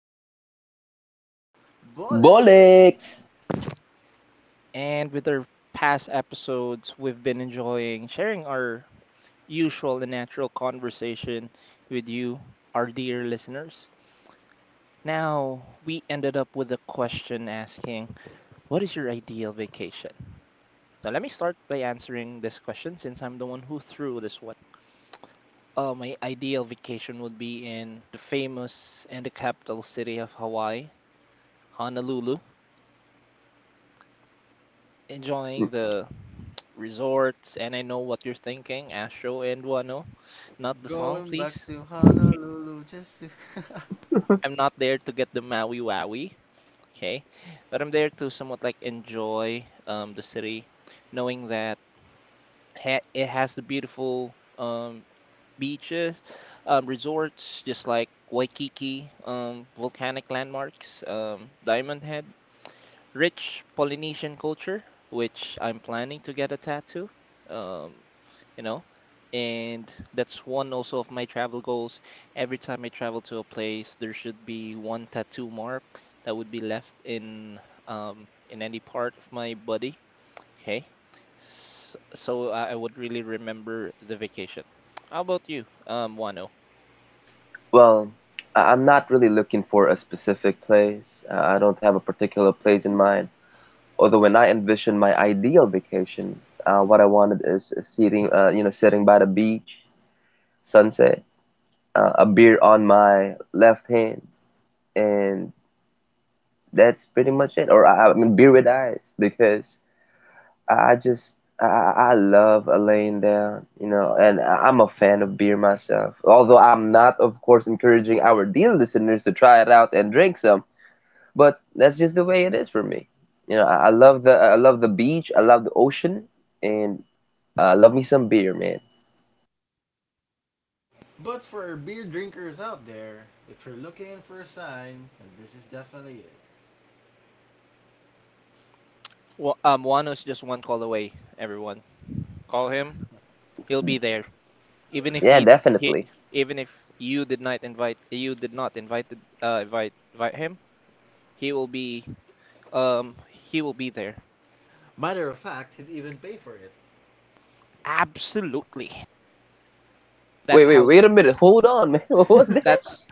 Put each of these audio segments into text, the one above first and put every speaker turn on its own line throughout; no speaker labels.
Talks ni.
Bolek
Bollocks!
And with our past episodes, we've been enjoying sharing our usual and natural conversation with you, our dear listeners. Now, we ended up with a question asking, what is your ideal vacation? Now, let me start by answering this question since I'm the one who threw this one. My ideal vacation would be in the famous and the capital city of Hawaii, Honolulu, enjoying the resorts, and I know what you're thinking, Astro and Wano. Not the song,
going back
please.
to Honolulu just to.
I'm not there to get the Maui Wowie, okay? But I'm there to somewhat like enjoy the city, knowing that ha it has the beautiful beaches, resorts, just like Waikiki, volcanic landmarks, Diamond Head, rich Polynesian culture, which I'm planning to get a tattoo. Um, you know and that's one also of my travel goals. Every time I travel to a place, there should be one tattoo mark that would be left in any part of my body, okay? So I would really remember the vacation. How about you, Wano?
Well, I'm not really looking for a specific place. I don't have a particular place in mind. Although when I envision my ideal vacation, what I wanted is sitting by the beach, sunset, a beer on my left hand, and that's pretty much it. Or I mean, beer with ice, because I just I love laying down, you know, and I'm a fan of beer myself. Although I'm not, of course, encouraging our dear listeners to try it out and drink some, but that's just the way it is for me. I love the I love the beach, I love the ocean, and I love me some beer, man.
But for beer drinkers out there, if you're looking for a sign, and this is definitely it.
Well, Wano's just one call away, everyone. Call him, he'll be there. Even if
Yeah,
he he
definitely.
even if you did not invite you did not invited invite invite him, he will be, he will be there.
Matter of fact, he'd even pay for it.
Absolutely.
Wait,
That's
wait,
how
wait a minute. Hold on, man. What was that?
that's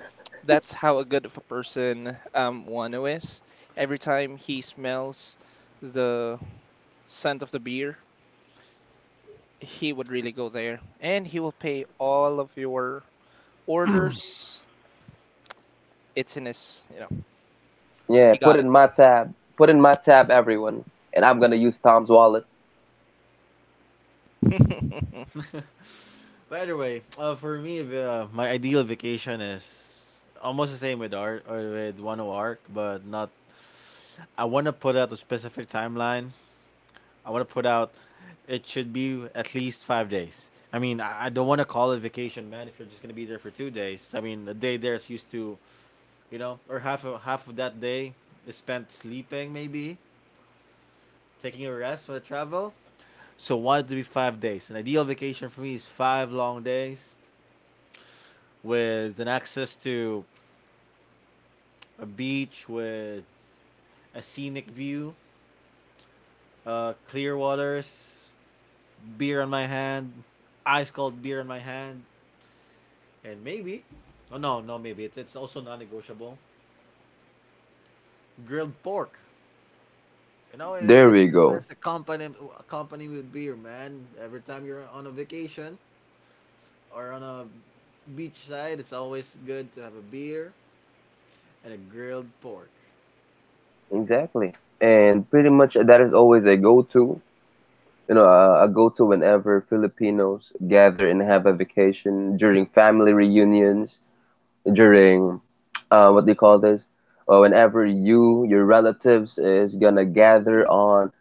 that's how a good of a person Wano is. Every time he smells the scent of the beer, he would really go there and he will pay all of your orders. It's in his, you know,
Yeah,
he
put
got
it
it.
in my tab. Put it in my tab, everyone, and I'm gonna use Tom's wallet.
But anyway, for me, my ideal vacation is almost the same with art or with one O arc, but not. I want to put out a specific timeline. I want to put out. It should be at least 5 days. I mean, I don't want to call it vacation, man. If you're just gonna be there for 2 days, I mean, a day there is used to you know, or half of that day is spent sleeping, maybe taking a rest when I travel. So wanted to be 5 days. An ideal vacation for me is five long days with an access to a beach with a scenic view, clear waters, beer on my hand, ice cold beer in my hand, and maybe, oh no, no, maybe it's also non-negotiable. Grilled pork. You know, it,
There
it's
we
the
go.
best accompany accompaniment with beer, man. Every time you're on a vacation, or on a beachside, it's always good to have a beer and a grilled pork.
Exactly. And pretty much that is always a go-to, a go-to whenever Filipinos gather and have a vacation during family reunions, during what do you call this? Or whenever your relatives is gonna gather on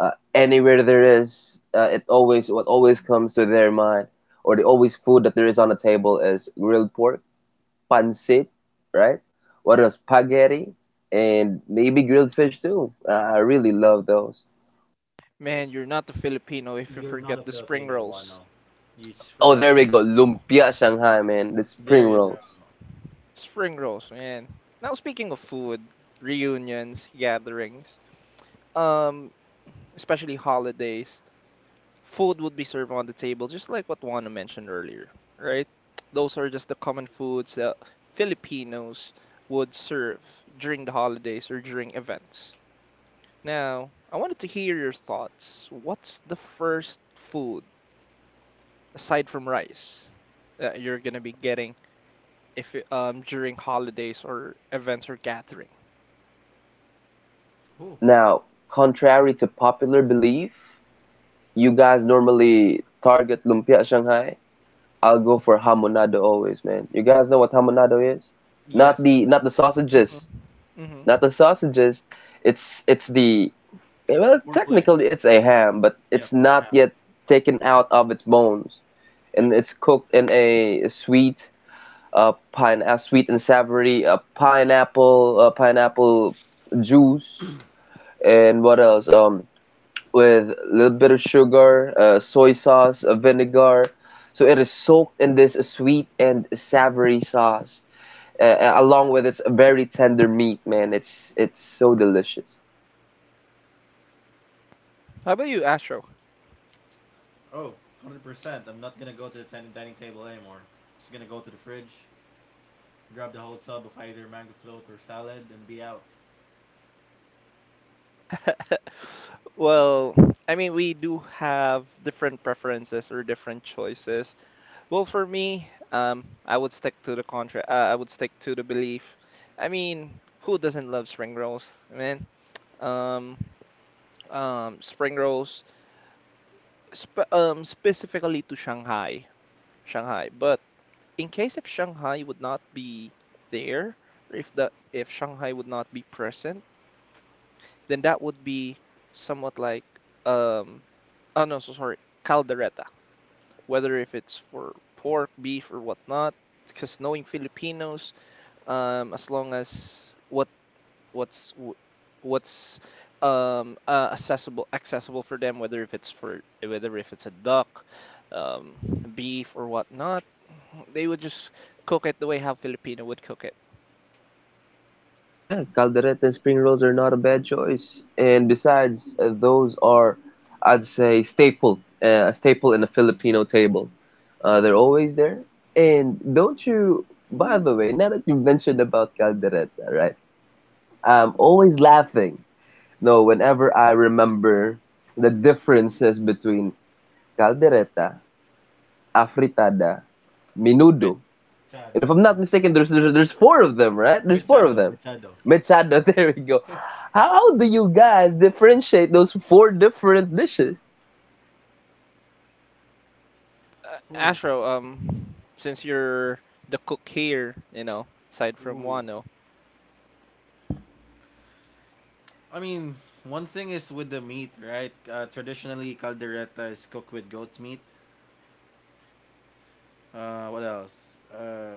anywhere there is, it always what always comes to their mind, or the always food that there is on the table is grilled pork pancit, right? What else? Spaghetti and maybe grilled fish too. I really love those.
Man, you're not a Filipino if you
You're not
forget
a
the spring
Filipino,
rolls.
Wano. You just
Oh,
forgot
there
one.
we go. Lumpia Shanghai, man. The
There
spring
you go.
rolls.
Spring rolls, man. Now speaking of food, reunions, gatherings, um, especially holidays, food would be served on the table, just like what Juana mentioned earlier, right? Those are just the common foods that Filipinos would serve during the holidays or during events. Now, I wanted to hear your thoughts. What's the first food aside from rice that you're gonna be getting if you- during holidays or events or gathering?
Oh,
Now, contrary to popular belief, you guys normally target lumpia Shanghai. I'll go for hamonado always, man. You guys know what hamonado is? Not
yes,
the not the sausages,
hmm hmm
not the sausages. It's the Well,
pork leg.
technically it's a ham, but
Yeah,
it's
pork
not
half.
yet taken out of its bones.
Yep.
And it's cooked in a sweet and savory pineapple juice, and what else, with a little bit of sugar, soy sauce, vinegar, so it is soaked in this sweet and savory sauce, along with its very tender meat, man. It's so delicious.
How about you, Astro?
Oh, 100%. I'm not going to go to the dining table anymore. Just going to go to the fridge, grab the whole tub of either mango float or salad, and be out.
Well, I mean, we do have different preferences or different choices. Well, for me, I would stick to the contra. I would stick to the belief. I mean, who doesn't love spring rolls, man? Um, spring rolls, sp specifically to Shanghai, Shanghai. But in case if Shanghai would not be there, or if Shanghai would not be present, then that would be somewhat like um, oh no, so sorry, caldereta, whether if it's for pork, beef, or whatnot. Because knowing Filipinos, as long as what what's wh- what's accessible, for them, whether if it's for, whether if it's a duck, um, beef or whatnot, they would just cook it the way how Filipino would cook it.
Yeah, caldereta and spring rolls are not a bad choice. And besides, those are, I'd say, a staple in a Filipino table. They're always there. And don't you, by the way, now that you mentioned about caldereta, right? I'm always laughing. No, whenever I remember the differences between caldereta, afritada,
Bet-
menudo, and if
Chado. I
I'm not
mean.
mistaken, there's four of them, right? There's four of them.
Machado.
Mechado, there we go. How do you guys differentiate those four different dishes?
Ooh,
Astro, since you're the cook here, you know, aside from
ooh.
Wano,
I mean, one thing is with the meat, right? Traditionally, caldereta is cooked with goat's meat. What else?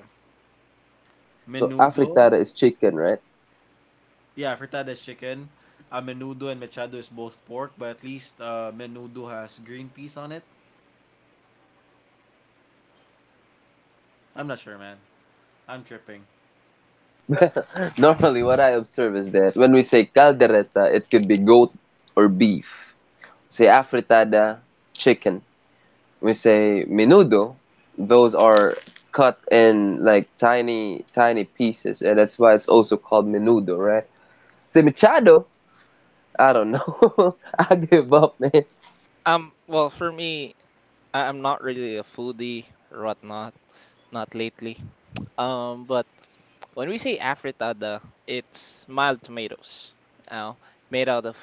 So
Menudo.
afritada is chicken, right?
Yeah, fritada is chicken. Menudo and machado is both pork, but at least menudo has green peas on it. I'm not sure, man. I'm tripping.
Normally, what I observe is that when we say caldereta, it could be goat or beef. Say afritada, chicken. We say menudo, those are cut in like tiny, tiny pieces, and that's why it's also called menudo, right? Say mechado, I don't know. I give up, man.
well, for me, I'm not really a foodie or whatnot. Not lately. But when we say afritada, it's mild tomatoes, uh, made out of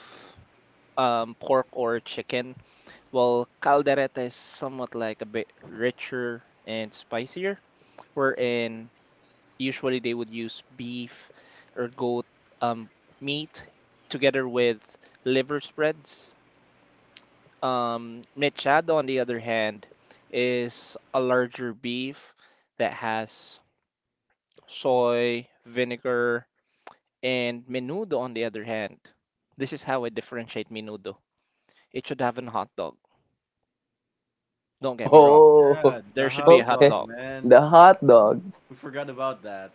pork or chicken. Well, caldereta is somewhat like a bit richer and spicier, wherein usually they would use beef or goat um, meat together with liver spreads. Mechado, on the other hand, is a larger beef that has soy, vinegar, and menudo on the other hand. This is how I differentiate menudo. It should have a hot dog. Don't get me
Oh,
wrong.
Oh,
yeah, the
There should be a
hot
hot
okay.
dog,
dog.
man.
The hot dog.
We forgot about that.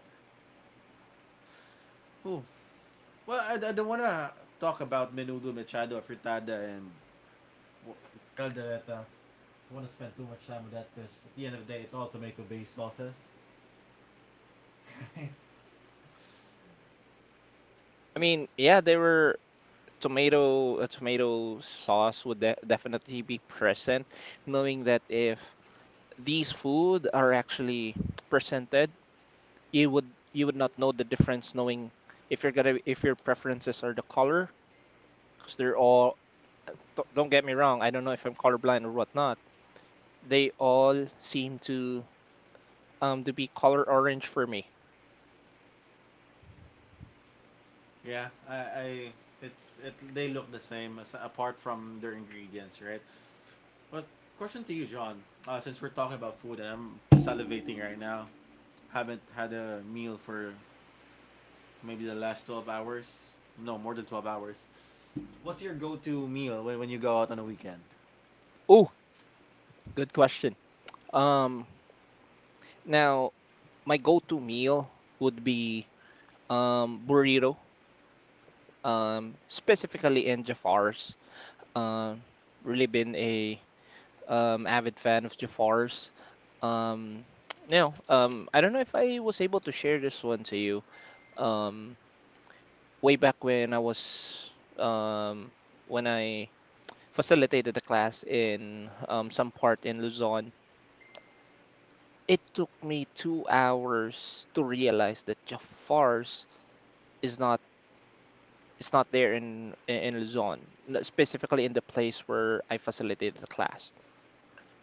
Ooh. Well, I don't want to talk about menudo, machado, fritada, and w- caldereta. I don't want to spend too much time with that because at the end of the day, it's all tomato-based sauces.
I mean, yeah, there were tomato, a tomato sauce would de definitely be present, knowing that if these food are actually presented, you would not know the difference, knowing if you're gonna, if your preferences are the color, because they're all, don't get me wrong, I don't know if I'm colorblind or whatnot. They all seem to be color orange for me.
Yeah, I it's it they look the same as, apart from their ingredients, right? But question to you, John. Since we're talking about food and I'm salivating right now, haven't had a meal for maybe the last 12 hours. No, more than 12 hours. What's your go-to meal when, you go out on a weekend?
Oh, good question. Um, Now my go-to meal would be burrito. Specifically in Jafar's. Um, Really been a avid fan of Jafar's. Um, Now, I don't know if I was able to share this one to you. Um, Way back um when I facilitated a class in some part in Luzon. It took me 2 hours to realize that Jafar's is not is not there in Luzon, specifically in the place where I facilitated the class.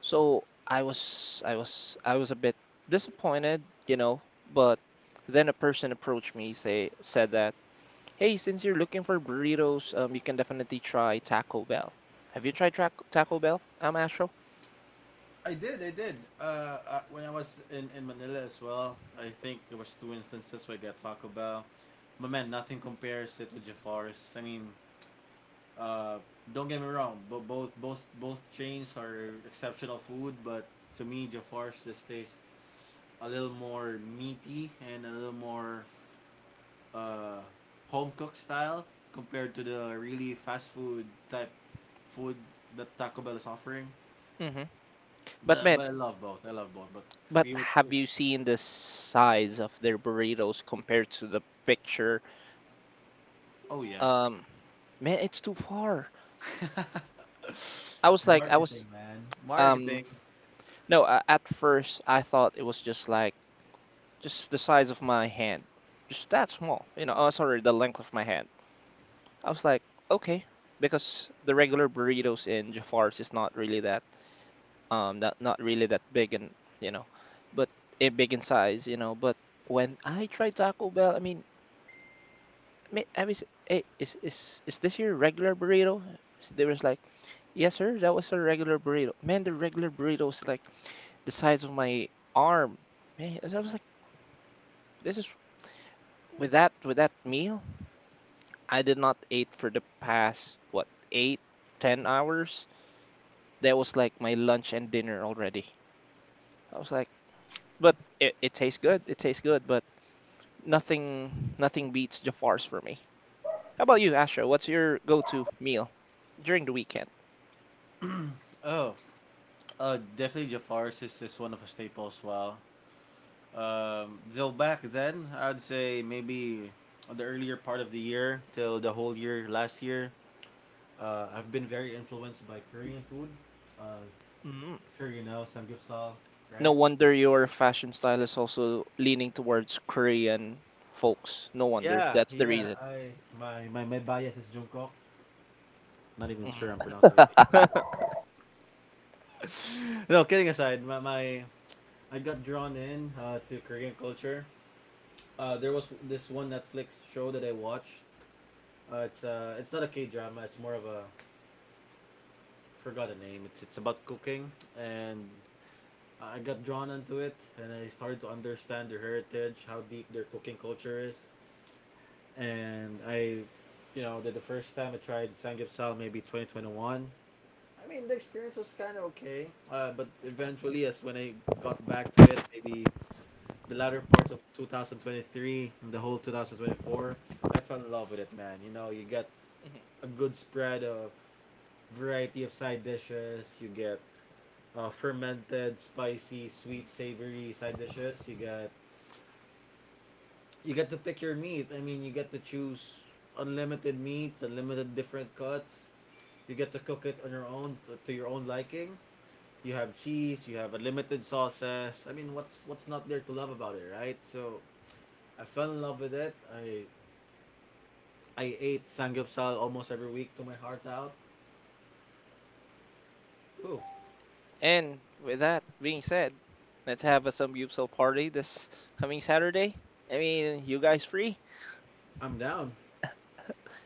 So I was a bit disappointed, you know, but then a person approached me say said that, "Hey, since you're looking for burritos, you can definitely try Taco Bell. Have you tried Tra Taco Bell? I'm Astro.
I did. When I was in Manila as well, I think there was two instances where I got Taco Bell. But man, nothing compares it with Jafar's. I mean, uh, don't get me wrong, but both chains are exceptional food. But to me, Jafar's just tastes a little more meaty and a little more uh, home cooked style compared to the really fast food type food that Taco Bell is offering.
hmm But man,
But I love both. I love both. But if
but
you were if
have you seen the size of their burritos compared to the picture?
Oh yeah,
Um, Man, it's too far. I was like, I was,
marketing, man. Marketing.
um, no, at first I thought it was just like, just the size of my hand, just that small, you know, oh, sorry, the length of my hand. I was like, okay, because the regular burritos in Jafar's is not really that, not, not really that big and, you know, but it big in size, you know, but when I tried Taco Bell, I mean, I was, hey, is this your regular burrito? So they was like, yes, sir, that was a regular burrito. Man, the regular burrito was like the size of my arm. Man, as I was like, this is, with that meal, I did not eat for the past what, eight, 10 hours. That was like my lunch and dinner already. I was like, but it tastes good. It tastes good, but nothing beats Jafar's for me. How about you, Asha? What's your go-to meal during the weekend?
Oh, definitely Jafar's is one of a staple as well. Till back then, I'd say maybe on the earlier part of the year till the whole year last year. I've been very influenced by Korean food. Uh, sure you know samgyeopsal,
No
right?
wonder your fashion style is also leaning towards Korean folks. No wonder.
Yeah,
That's the
yeah.
reason.
My bias is Jungkook. Not even sure I'm
Mhm.
pronouncing his name properly. no, kidding aside, my I got drawn in to Korean culture. There was this one Netflix show that I watched. It's not a K drama. It's more of a forgot the name. It's about cooking, and I got drawn into it, and I started to understand their heritage, how deep their cooking culture is, and I, you know, the first time I tried samgyeopsal, maybe 2021. I mean, the experience was kind of okay, but eventually, as when I got back to it, maybe the latter parts of 2023 and the whole 2024, I fell in love with it, man. You know, you got
Mhm.
a good spread of variety of side dishes. You get fermented, spicy, sweet, savory side dishes. You get to pick your meat. I mean, you get to choose unlimited meats, unlimited different cuts. You get to cook it on your own to your own liking. You have cheese. You have unlimited sauces. I mean, what's not there to love about it, right? So I fell in love with it. I ate samgyeopsal almost every week to my heart's out. Ooh,
And with that being said, let's have a Samgyeopsal party this coming Saturday. I mean, you guys free?
I'm down.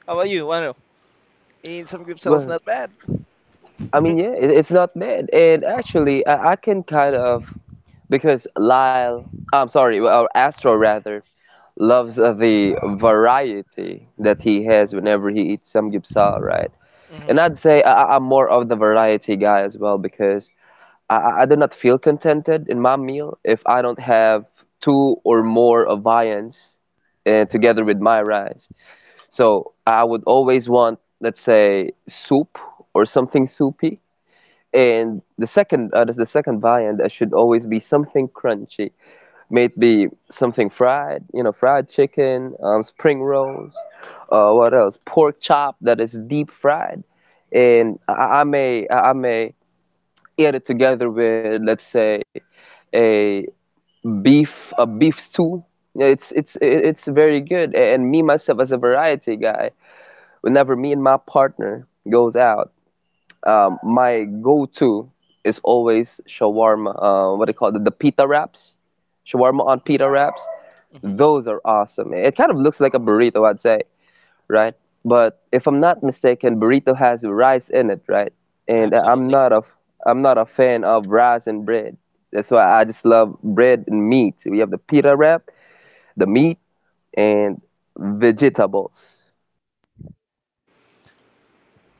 How about you, Wano? Eating Samgyeopsal is
Well,
not bad.
I mean, yeah, it's not bad. And actually, I can kind of because Lyle, I'm sorry, well, or Astro rather, loves the variety that he has whenever he eats some samgyeopsal, right? And I'd
hmm
say I'm more of the variety guy as well, because I do not feel contented in my meal if I don't have two or more of viands together with my rice. So I would always want, let's say, soup or something soupy. And the second viand should always be something crunchy. May it be something fried, fried chicken, spring rolls, what else? Pork chop that is deep fried, and I may eat it together with, let's say, a a beef stew. Yeah, it's very good. And me myself, as a variety guy, whenever me and my partner goes out, my go-to is always shawarma. What do you call it? The pita wraps, shawarma on pita wraps.
hmm
Those are awesome. It kind of looks like a burrito, I'd say, right? But if I'm not mistaken, burrito has rice in it, right? And I'm
Absolutely.
not a I'm not a fan of rice and bread. That's why I just love bread and meat. We have the pita wrap, the meat, and vegetables.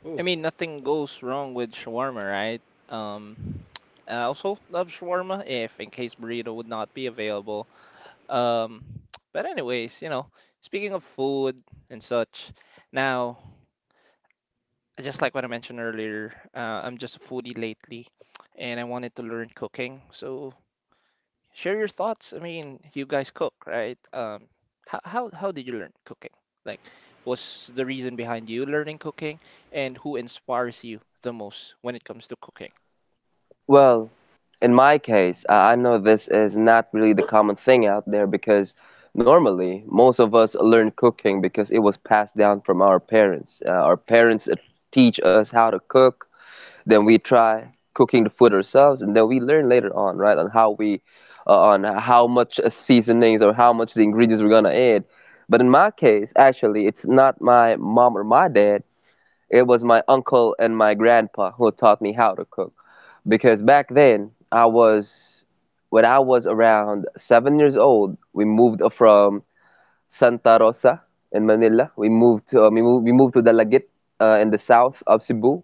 Ooh,
I mean, nothing goes wrong with shawarma, right? Um, I also love shawarma if in case burrito would not be available. Um, but anyways, you know, speaking of food and such, now just like what I mentioned earlier, I'm just a foodie lately, and I wanted to learn cooking. So share your thoughts. I mean, you guys cook, right? Um, how did you learn cooking? Like, what's the reason behind you learning cooking, and who inspires you the most when it comes to cooking?
Well, in my case, I know this is not really the common thing out there, because normally most of us learn cooking because it was passed down from our parents. Our parents teach us how to cook, then we try cooking the food ourselves, and then we learn later on, right, on how we on how much seasonings or how much the ingredients we're gonna add. But in my case, actually, it's not my mom or my dad. It was my uncle and my grandpa who taught me how to cook. Because back then I was when I was around 7 years old, we moved from Santa Rosa in Manila. We moved to we moved to Dalagit, in the south of Cebu.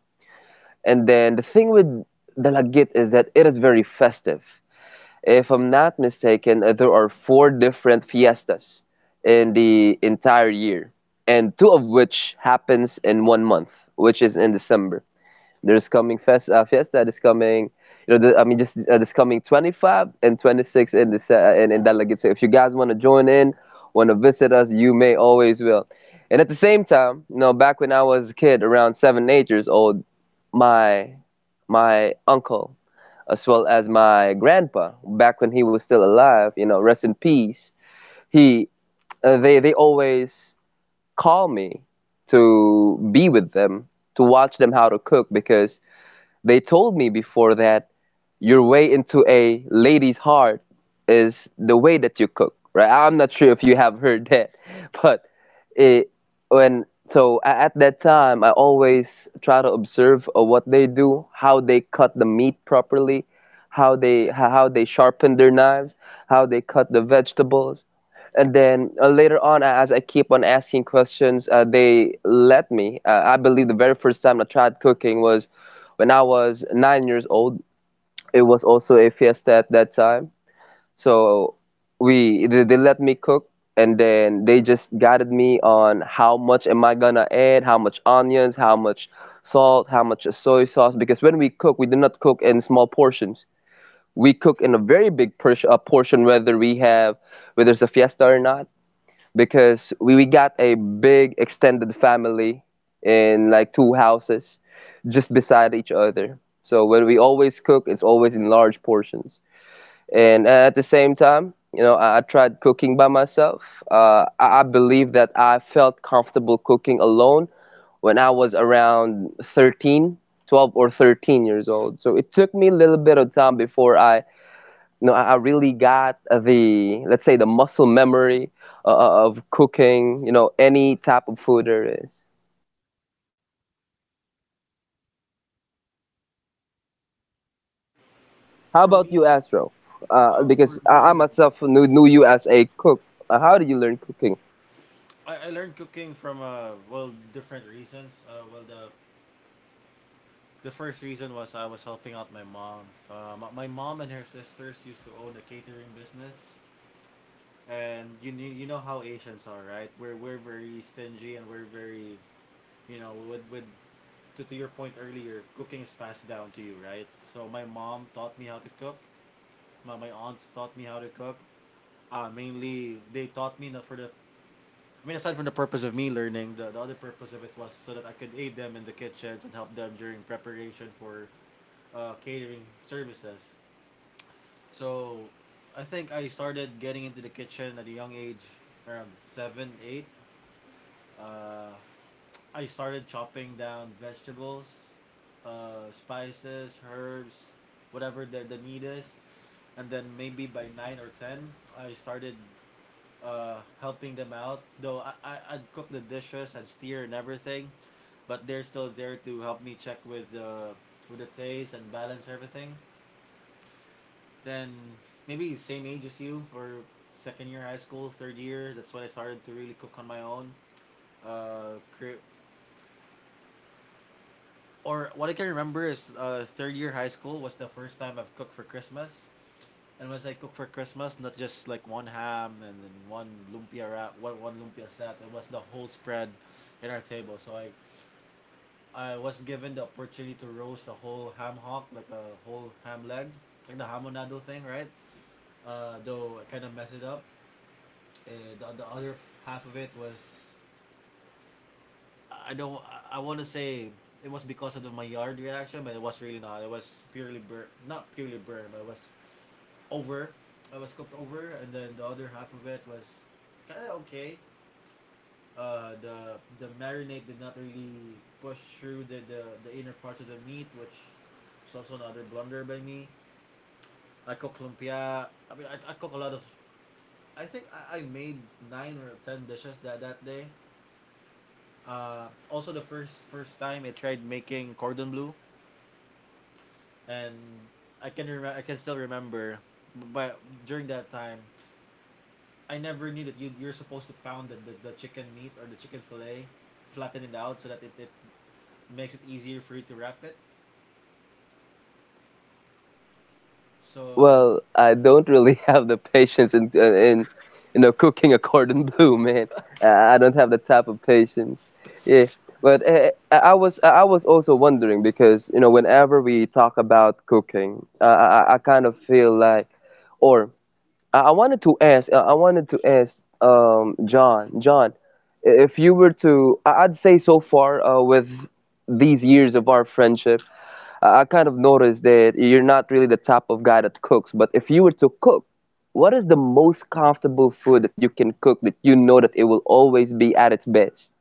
And then the thing with the Laggit is that it is very festive. If I'm not mistaken, there are four different fiestas in the entire year, and two of which happens in one month, which is in December. There's coming fiesta this coming, I mean, just this coming 25 and 26 in this in that Laggit. So if you guys want to join in, want to visit us, you may always will. And at the same time, you know, back when I was a kid, around seven, 8 years old, my my uncle, as well as my grandpa, back when he was still alive, you know, rest in peace, he they always call me to be with them to watch them how to cook. Because they told me before that your way into a lady's heart is the way that you cook, right? I'm not sure if you have heard that, but it, when so a- at that time, I always try to observe what they do, how they cut the meat properly, how they sharpen their knives, how they cut the vegetables. And then later on, as I keep on asking questions, they let me. I believe the very first time I tried cooking was when I was 9 years old. It was also a fiesta at that time. So we they let me cook, and then they just guided me on how much am I gonna add, how much onions, how much salt, how much soy sauce. Because when we cook, we do not cook in small portions. We cook in a very big portion, whether we have, whether it's a fiesta or not, because we got a big extended family in like two houses just beside each other. So when we always cook, it's always in large portions. And at the same time, you know, I tried cooking by myself. I believe that I felt comfortable cooking alone when I was around 13 12 or 13 years old. So it took me a little bit of time before I you know I really got the let's say, the muscle memory of cooking, you know, any type of food there is. How
for
about you,
me,
Astro? Because
For
I
me,
myself knew you as a cook, how did you learn cooking?
I learned cooking from well different reasons. The first reason was I was helping out my mom. My mom and her sisters used to own a catering business, and you know how Asians are, right? We're very stingy and we're very you know with to your point earlier, cooking is passed down to you, right? So my mom taught me how to cook. My aunts taught me how to cook. Mainly they taught me na for the I mean, aside from the purpose of me learning, the other purpose of it was so that I could aid them in the kitchens and help them during preparation for catering services. So, I think I started getting into the kitchen at a young age, around seven, eight. Uh, I started chopping down vegetables, spices, herbs, whatever the need is. And then maybe by nine or ten, I started helping them out. Though I'd cook the dishes, I'd steer and everything but they're still there to help me check with the taste and balance everything. Then maybe same age as you or second year high school, third year. That's when I started to really cook on my own. Uh, cre- or what I can remember is third year high school was the first time I've cooked for Christmas. And when I cook for Christmas, not just like one ham and then one lumpia wrap, one lumpia set. It was the whole spread in our table. So I was given the opportunity to roast a whole ham hock, like a whole ham leg, like the hamonado thing, right? Though I kind of messed it up. Uh, the other half of it was, I don't, I want to say it was because of the Maillard reaction, but it was really not. It was not purely burn, but it was over. I was cooked over, and then the other half of it was kind of okay. Uh, the marinade did not really push through the inner parts of the meat, which is also another blunder by me. I cook lumpia. I mean, I cook a lot of. I made nine or ten dishes that that day. Also the first time I tried making cordon bleu, and I can still remember, but during that time, I never knew that you're supposed to pound the chicken meat or the chicken fillet, flatten it out so that it makes it easier for you to wrap it. So,
Well, I don't really have the patience in cooking a cordon bleu, man. I don't have the type of patience. Yeah, but I was also wondering, because whenever we talk about cooking, I kind of feel like, or I wanted to ask. I wanted to ask, John. John, if you were to, I'd say, so far, with these years of our friendship, I kind of noticed that you're not really the type of guy that cooks. But if you were to cook, what is the most comfortable food that you can cook that you know that it will always be at its best?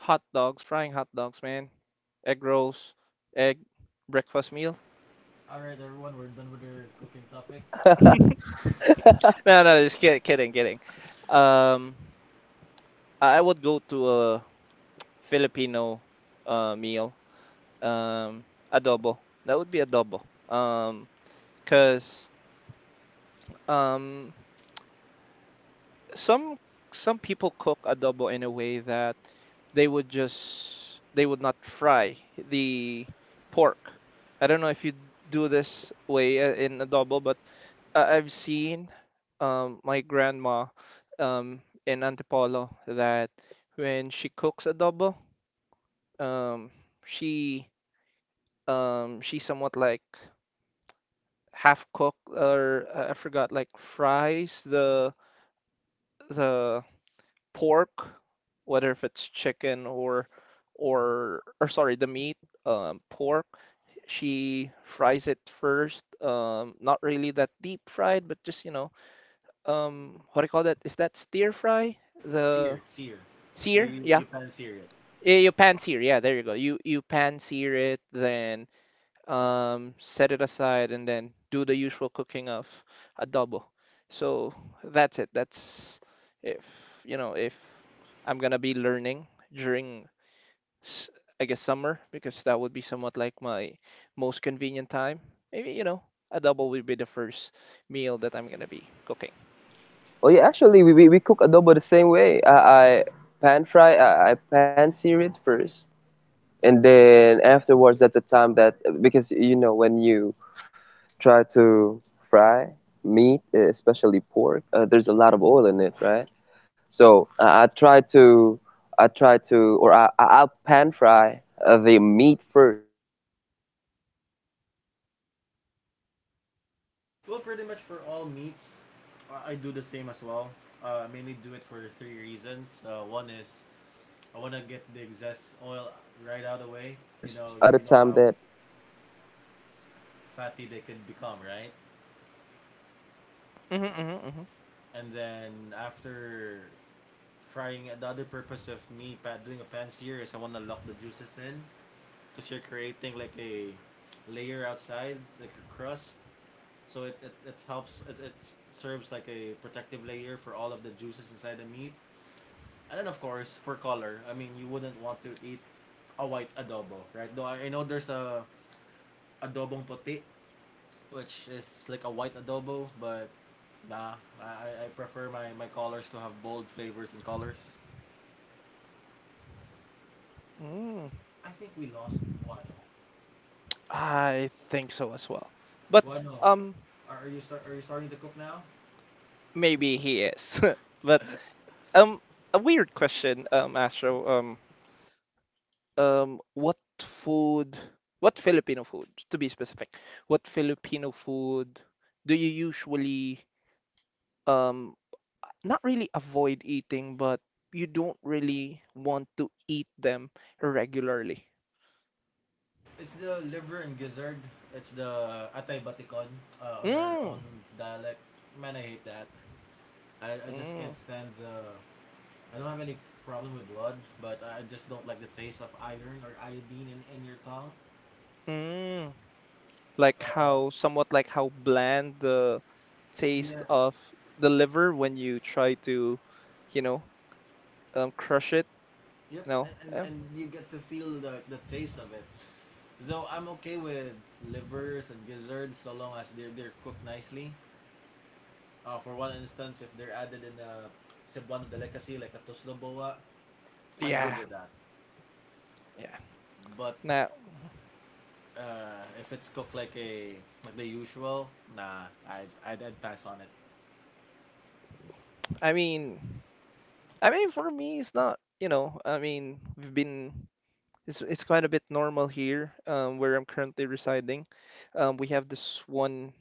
Hot dogs, frying hot dogs, man. Egg rolls, egg breakfast meal.
alright, everyone, we're done with our cooking topic.
No, no, just kidding, kidding. Um, I would go to a Filipino meal. Um, adobo. That would be adobo. 'Cause um some some people cook adobo in a way that they would not fry the pork. I don't know if you do this way in adobo, but I- I've seen my grandma um, in Antipolo that when she cooks adobo, um, she, she somewhat like half cook or I forgot, like fries the pork, whether if it's chicken or, or sorry, the meat, pork. She fries it first. Not really that deep fried, but just, you know, what do you call that? Is that stir fry? The
Sear. sear,
sear?
You,
Yeah.
you
Yes,
pan sear
here.
it.
Yeah, you pan sear. Yeah, there you go. You pan sear it, then set it aside, and then do the usual cooking of adobo. So that's it. That's if, you know, if I'm gonna be learning during, s- I guess, summer, because that would be somewhat like my most convenient time. Maybe, you know, adobo will be the first meal that I'm gonna be cooking.
Well,
Yeah.
yeah, actually, we cook adobo the same way. I pan fry. I pan sear it first. And then afterwards, at the time that, because you know, when you try to fry meat, eh, especially pork, there's a lot of oil in it, right? So I try to, or I'll pan fry the meat first until it releases enough oil.
Well, pretty much for all meats, I do the same as well. I mainly do it for three reasons. One is I want to get the excess oil right out of the way. You know how fatty they can become, right?
hmm hmm hmm
And then after frying, the other purpose of me doing a pan sear is I want to lock the juices in because you're creating like a layer outside, like a crust. So it helps, it serves like a protective layer for all of the juices inside the meat. And then, of course, for color, I mean, you wouldn't want to eat a white adobo, right? Though I know there's a adobong puti, which is like a white adobo, but nah, I prefer my colors to have bold flavors and colors.
Mm.
I think we lost Wano.
I think so as well. But
Wano,
um
are you starting to cook now?
maybe he is. But um a weird question, Astro. What food, what Filipino food, to be specific, what Filipino food do you usually um not really avoid eating, but you don't really want to eat them regularly?
It's the liver and gizzard. It's the atay batikon on our own
Mm,
dialect. Man, I hate that. I just can't
mm,
stand the. I don't have any problem with blood, but I just don't like the taste of iron or iodine in your tongue.
mm. Like
Uh,
how, somewhat like how bland the taste
yeah.
of the liver when you try to, you know, crush it.
Yep.
You know,
And and you get to feel the taste of it. Though I'm okay with livers and gizzards so long as they're cooked nicely. For one instance, if they're added in a Cebuano delicacy like a tuslo boa, I'm
Yeah,
good with that.
yeah.
But
Now,
if it's cooked like a the usual, nah, I'd pass on it.
I mean, I mean for me, it's not. You know, I mean, we've been. It's quite a bit normal here, where I'm currently residing. We have this one,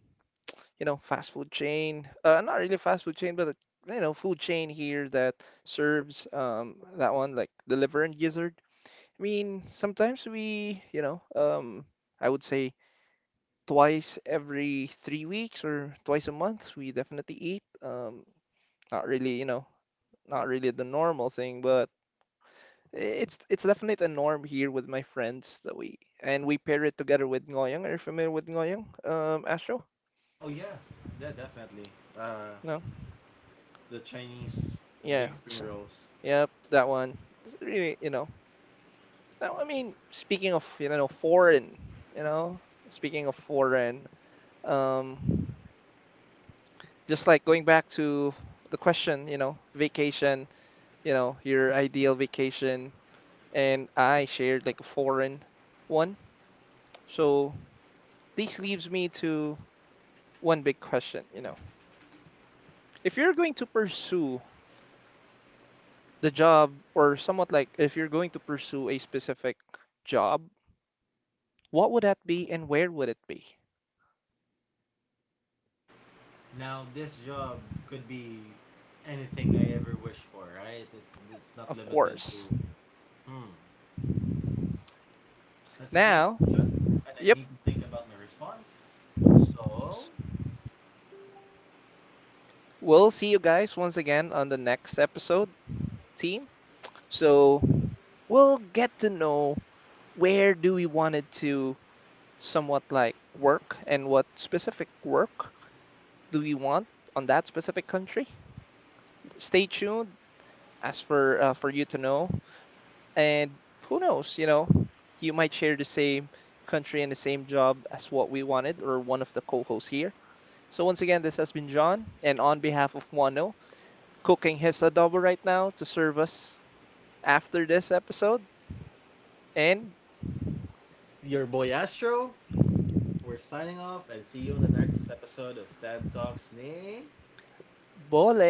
you know, fast food chain. Not really fast food chain, but a, you know, food chain here that serves that one like the liver and gizzard. I mean, sometimes we, you know, I would say twice every 3 weeks or twice a month, we definitely eat. Not really, you know, not really the normal thing, but it's definitely a norm here with my friends that we, and we pair it together with ngoyang. Are you familiar with ngoyang, Astro?
Oh yeah, yeah, definitely. Uh,
No?
the Chinese big
Yeah.
spring rolls.
Yep, that one. It's really, you know. Now, I mean, speaking of, you know, foreign, you know, speaking of foreign. Um, just like going back to the question, you know, vacation, you know, your ideal vacation, and I shared like a foreign one. So this leaves me to one big question, you know. If you're going to pursue the job, or somewhat like if you're going to pursue a specific job, what would that be and where would it be?
Now this job could be anything I ever wish for, right? It's not
Of
limited to.
course.
Hmm, that's a great
Now,
question, and I
yep,
need to think about my response. So,
we'll see you guys once again on the next episode, team. So we'll get to know where do we want it to somewhat like work and what specific work do we want on that specific country. Stay tuned as for you to know. And who knows, you know, you might share the same country and the same job as what we wanted or one of the co-hosts here. So once again, this has been John, and on behalf of Wano, cooking his adobo right now to serve us after this episode. And
your boy Astro. We're signing off and see you in the next episode of TED Talks. Nay.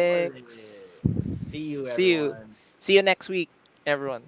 Bullocks. See you,
See you.
everyone.
See you next week, everyone.